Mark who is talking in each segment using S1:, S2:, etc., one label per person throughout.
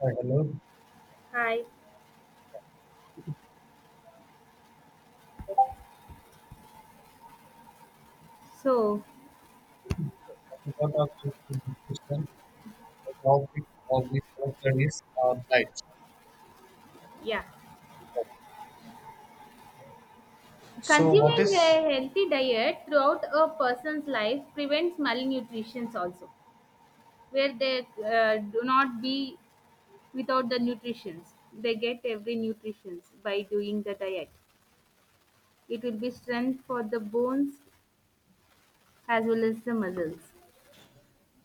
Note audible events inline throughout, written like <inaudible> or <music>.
S1: Hello.
S2: Hi. So,
S1: As a part of this discussion, the topic of this lecture is light.
S2: yeah.
S1: So, what
S2: Consuming
S1: is?
S2: a healthy diet throughout a person's life prevents malnutrition also, where they do not be without the nutritions. They get every nutritions by doing the diet. It will be strength for the bones as well as the muscles.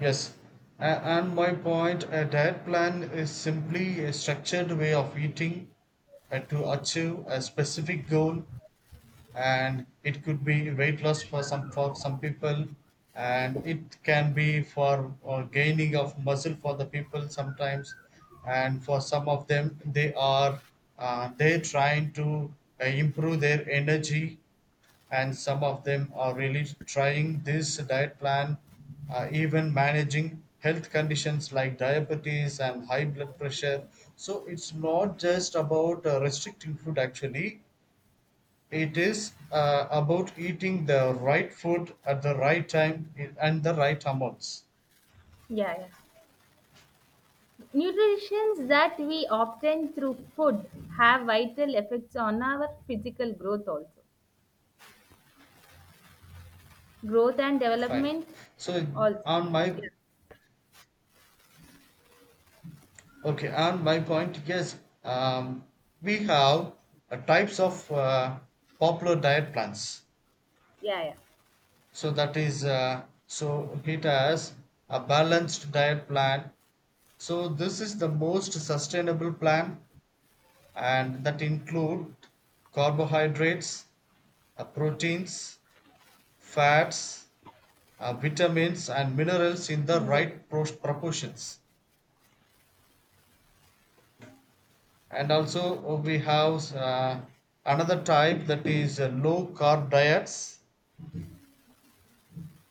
S1: Yes. And my point, a diet plan is simply a structured way of eating to achieve a specific goal, and it could be weight loss for some people, and it can be for gaining of muscle for the people sometimes, and for some of them they are they trying to improve their energy, and some of them are really trying this diet plan, even managing health conditions like diabetes and high blood pressure. So it's not just about restricting food actually, it is about eating the right food at the right time and the right amounts.
S2: Yeah, yeah. Nutritions that we obtain through food have vital effects on our physical growth also. Growth and
S1: Fine.
S2: development
S1: So
S2: also.
S1: on my
S2: Yeah.
S1: okay on my point, yes, um, we have types of popular diet plans.
S2: Yeah. Yeah
S1: So that is so it has a balanced diet plan. So this is the most sustainable plan, and that include carbohydrates, proteins, fats, vitamins and minerals in the
S2: mineral.
S1: right proportions. And also we have another type, that is low carb diets.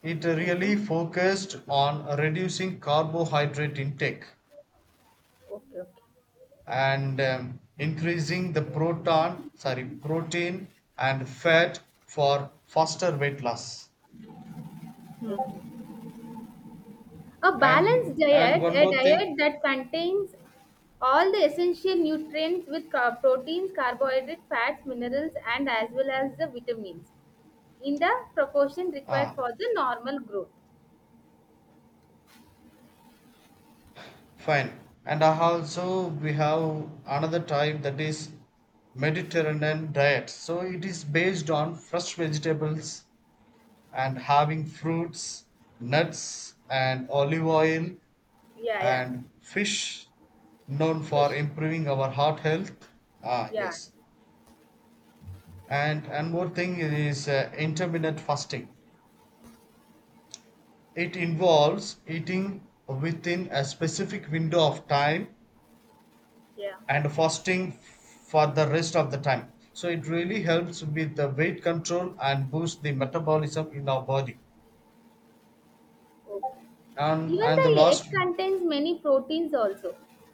S1: It
S2: Okay,
S1: really focused on reducing carbohydrate intake
S2: okay, okay.
S1: and increasing the protein and fat for faster weight loss.
S2: Hmm. A balanced
S1: And
S2: diet,
S1: one
S2: a
S1: more
S2: diet
S1: thing,
S2: that contains all the essential nutrients with proteins, carbohydrates, fats, minerals, and as well as the vitamins in the proportion required
S1: ah,
S2: for the normal growth.
S1: fine. And also we have another type, that is Mediterranean diet. So it is based on fresh vegetables and having fruits, nuts and olive oil
S2: Yeah, yeah.
S1: and fish, known for
S2: Fish.
S1: improving our heart health. Ah,
S2: Yeah,
S1: yes. And more thing is intermittent fasting. It involves eating within a specific window of time
S2: yeah.
S1: and fasting for the rest of the time. So it really helps with the weight control and boost the metabolism in our body.
S2: Okay. Even
S1: And
S2: the
S1: the
S2: egg
S1: last,
S2: contains many proteins also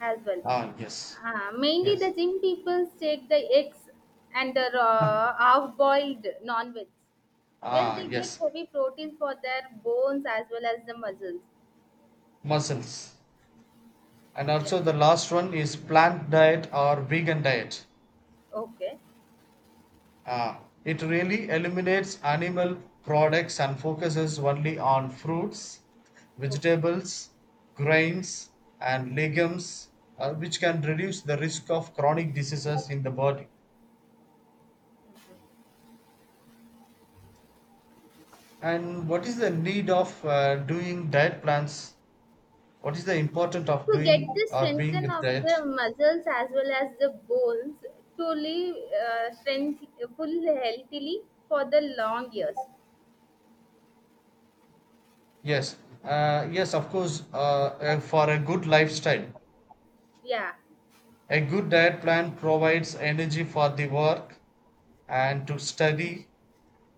S2: as well.
S1: ah yes,
S2: Mainly the
S1: yes,
S2: gym people take the eggs and the raw, half-boiled non-veg, where
S1: ah
S2: they get
S1: yes,
S2: heavy protein for their bones as well as the muscles.
S1: muscles. And
S2: Yeah.
S1: also the last one is plant diet or vegan diet.
S2: Okay.
S1: Ah, it really eliminates animal products and focuses only on fruits,
S2: Okay.
S1: vegetables, grains, and legumes, which can reduce the risk of chronic diseases in the body. And what is the need of doing diet plans? What is the importance of
S2: To get
S1: doing
S2: the
S1: or being
S2: strengthen
S1: with
S2: of
S1: diet?
S2: the muscles as well as the bones, to live strength full healthily for the long years.
S1: Yes, yes, of course, for a good lifestyle.
S2: Yeah.
S1: A good diet plan provides energy for the work and to study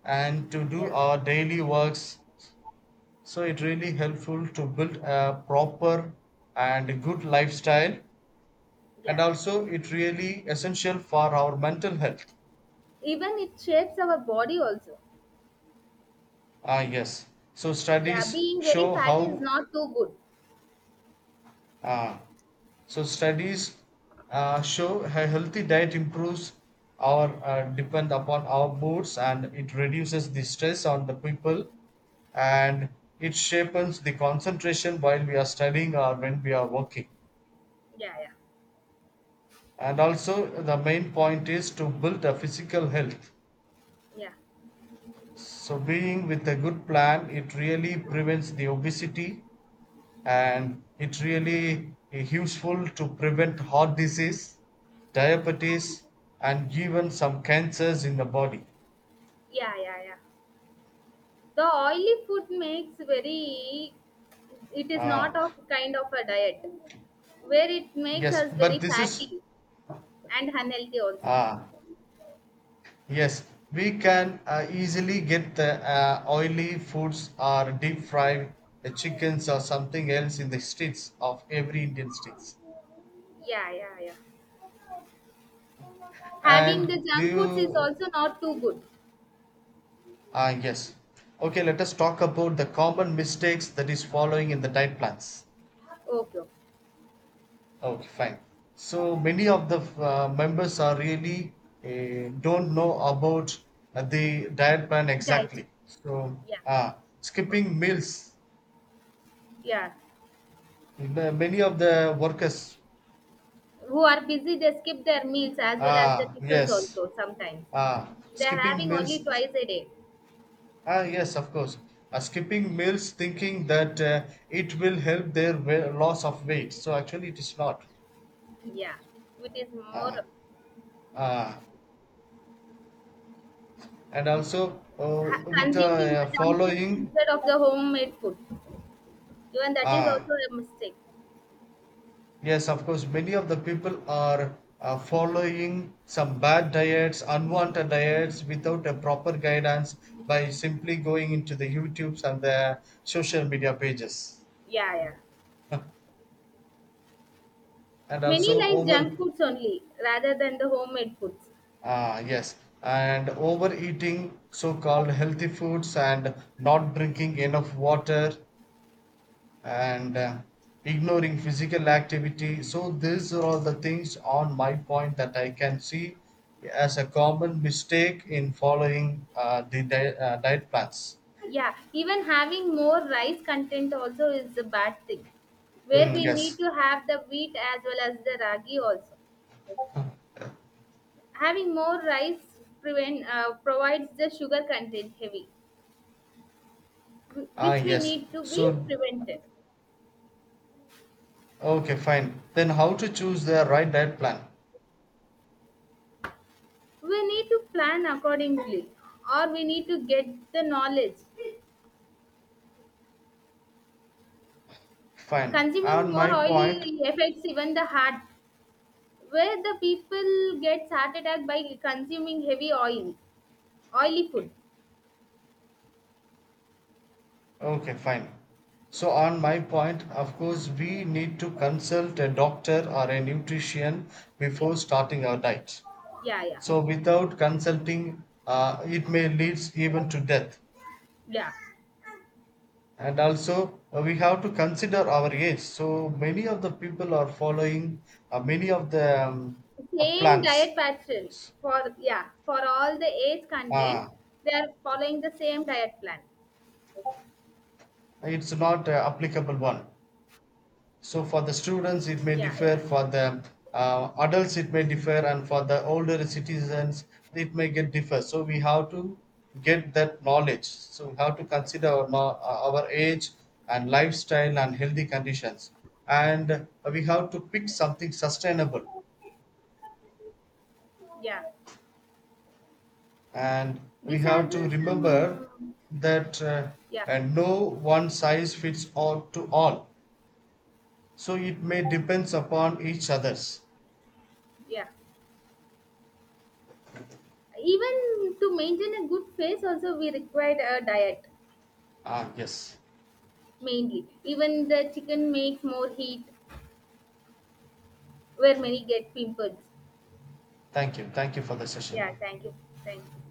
S1: and to do
S2: Yeah.
S1: our daily works. So it really helpful to build a proper and good lifestyle, and
S2: Yeah.
S1: also it really essential for our mental health.
S2: Even it shapes our body also.
S1: Ah yes. So
S2: Yeah,
S1: studies
S2: being very
S1: show
S2: fat is
S1: how,
S2: not too good.
S1: ah, so studies show a healthy diet improves our, depend upon our moods, and it reduces the stress on the people, and it shapens the concentration while we are studying or when we are working.
S2: Yeah, yeah,
S1: And also the main point is to build a physical health.
S2: yeah.
S1: So being with a good plan, it really prevents the obesity, and it really is useful to prevent heart disease, diabetes, and even some cancers in the body.
S2: Yeah, yeah, yeah. The oily food makes very, it is
S1: Ah,
S2: not of kind of a diet, where it makes
S1: yes,
S2: us very
S1: but this is,
S2: fatty and unhealthy also.
S1: ah yes, we can easily get the oily foods or deep fry the chickens or something else in the streets of every Indian streets.
S2: Yeah, yeah, yeah. Having the
S1: And do
S2: junk foods is
S1: you?
S2: also not too good.
S1: Ah, yes. Okay, let us talk about the common mistakes that is following in the diet plans.
S2: Okay, okay.
S1: Okay, fine. So many of the members are really don't know about the diet plan
S2: Diet.
S1: exactly. So
S2: Yeah,
S1: skipping meals,
S2: yeah.
S1: many of the workers,
S2: Who are busy, they skip their meals as well as the
S1: ah
S2: tiffins
S1: yes,
S2: also sometimes.
S1: ah,
S2: They are
S1: skipping
S2: having only
S1: meals,
S2: twice a day.
S1: ah yes, of course, skipping meals, thinking that it will help their loss of weight. So actually, it is not.
S2: Yeah, it is more.
S1: Ah, ah, and also with
S2: Consuming the junk foods
S1: following.
S2: instead of the homemade food. Even that is
S1: Ah,
S2: also a mistake.
S1: yes, of course, many of the people are following some bad diets, unwanted diets without a proper guidance, by simply going into the YouTubes and the social media pages.
S2: Yeah, yeah.
S1: <laughs> And
S2: Many
S1: also
S2: like
S1: over,
S2: junk foods only rather than the homemade foods.
S1: ah yes, and overeating so called healthy foods and not drinking enough water and ignoring physical activity. So, these are all the things on my point that I can see as a common mistake in following diet plans.
S2: Yeah, even having more rice content also is a bad thing. Where
S1: Mm,
S2: we need
S1: yes.
S2: to have the wheat as well as the ragi also. Having more rice prevent provides the sugar content heavy,
S1: Ah,
S2: which we
S1: yes.
S2: need to be
S1: So,
S2: prevented.
S1: okay, fine. Then, how to choose the right diet plan?
S2: We need to plan accordingly, or we need to get the knowledge.
S1: Fine.
S2: Consuming
S1: On
S2: more
S1: my point,
S2: oily affects even the heart, where the people gets heart attack by consuming heavy oil, oily food.
S1: okay, fine. So, on my point, of course, we need to consult a doctor or a nutrition
S2: Okay. Yeah,
S1: before starting our diet.
S2: yeah, yeah,
S1: So without consulting, it may leads even to death.
S2: yeah.
S1: And also, we have to consider our age. So many of the people are following many of the
S2: Same
S1: plans.
S2: diet pattern, for yeah, for all the age content.
S1: Uh,
S2: They are following the same diet plan.
S1: it's not an applicable one. So for the students, it may
S2: Yeah,
S1: differ.
S2: yeah,
S1: For the adults, it may differ, and for the older citizens, it may get differ. So we have to get that knowledge. So we have to consider our, our age and lifestyle and healthy conditions, and we have to pick something sustainable,
S2: yeah.
S1: and we
S2: These are
S1: have to
S2: the
S1: remember
S2: some.
S1: that
S2: Yeah,
S1: and no one size fits all to all. So it may depends upon each others.
S2: yeah. Even to maintain a good face also, we require a diet.
S1: Ah yes.
S2: Mainly even the chicken makes more heat, where many get pimples.
S1: Thank you. Thank you for the
S2: Yeah,
S1: session.
S2: thank you. Thank you.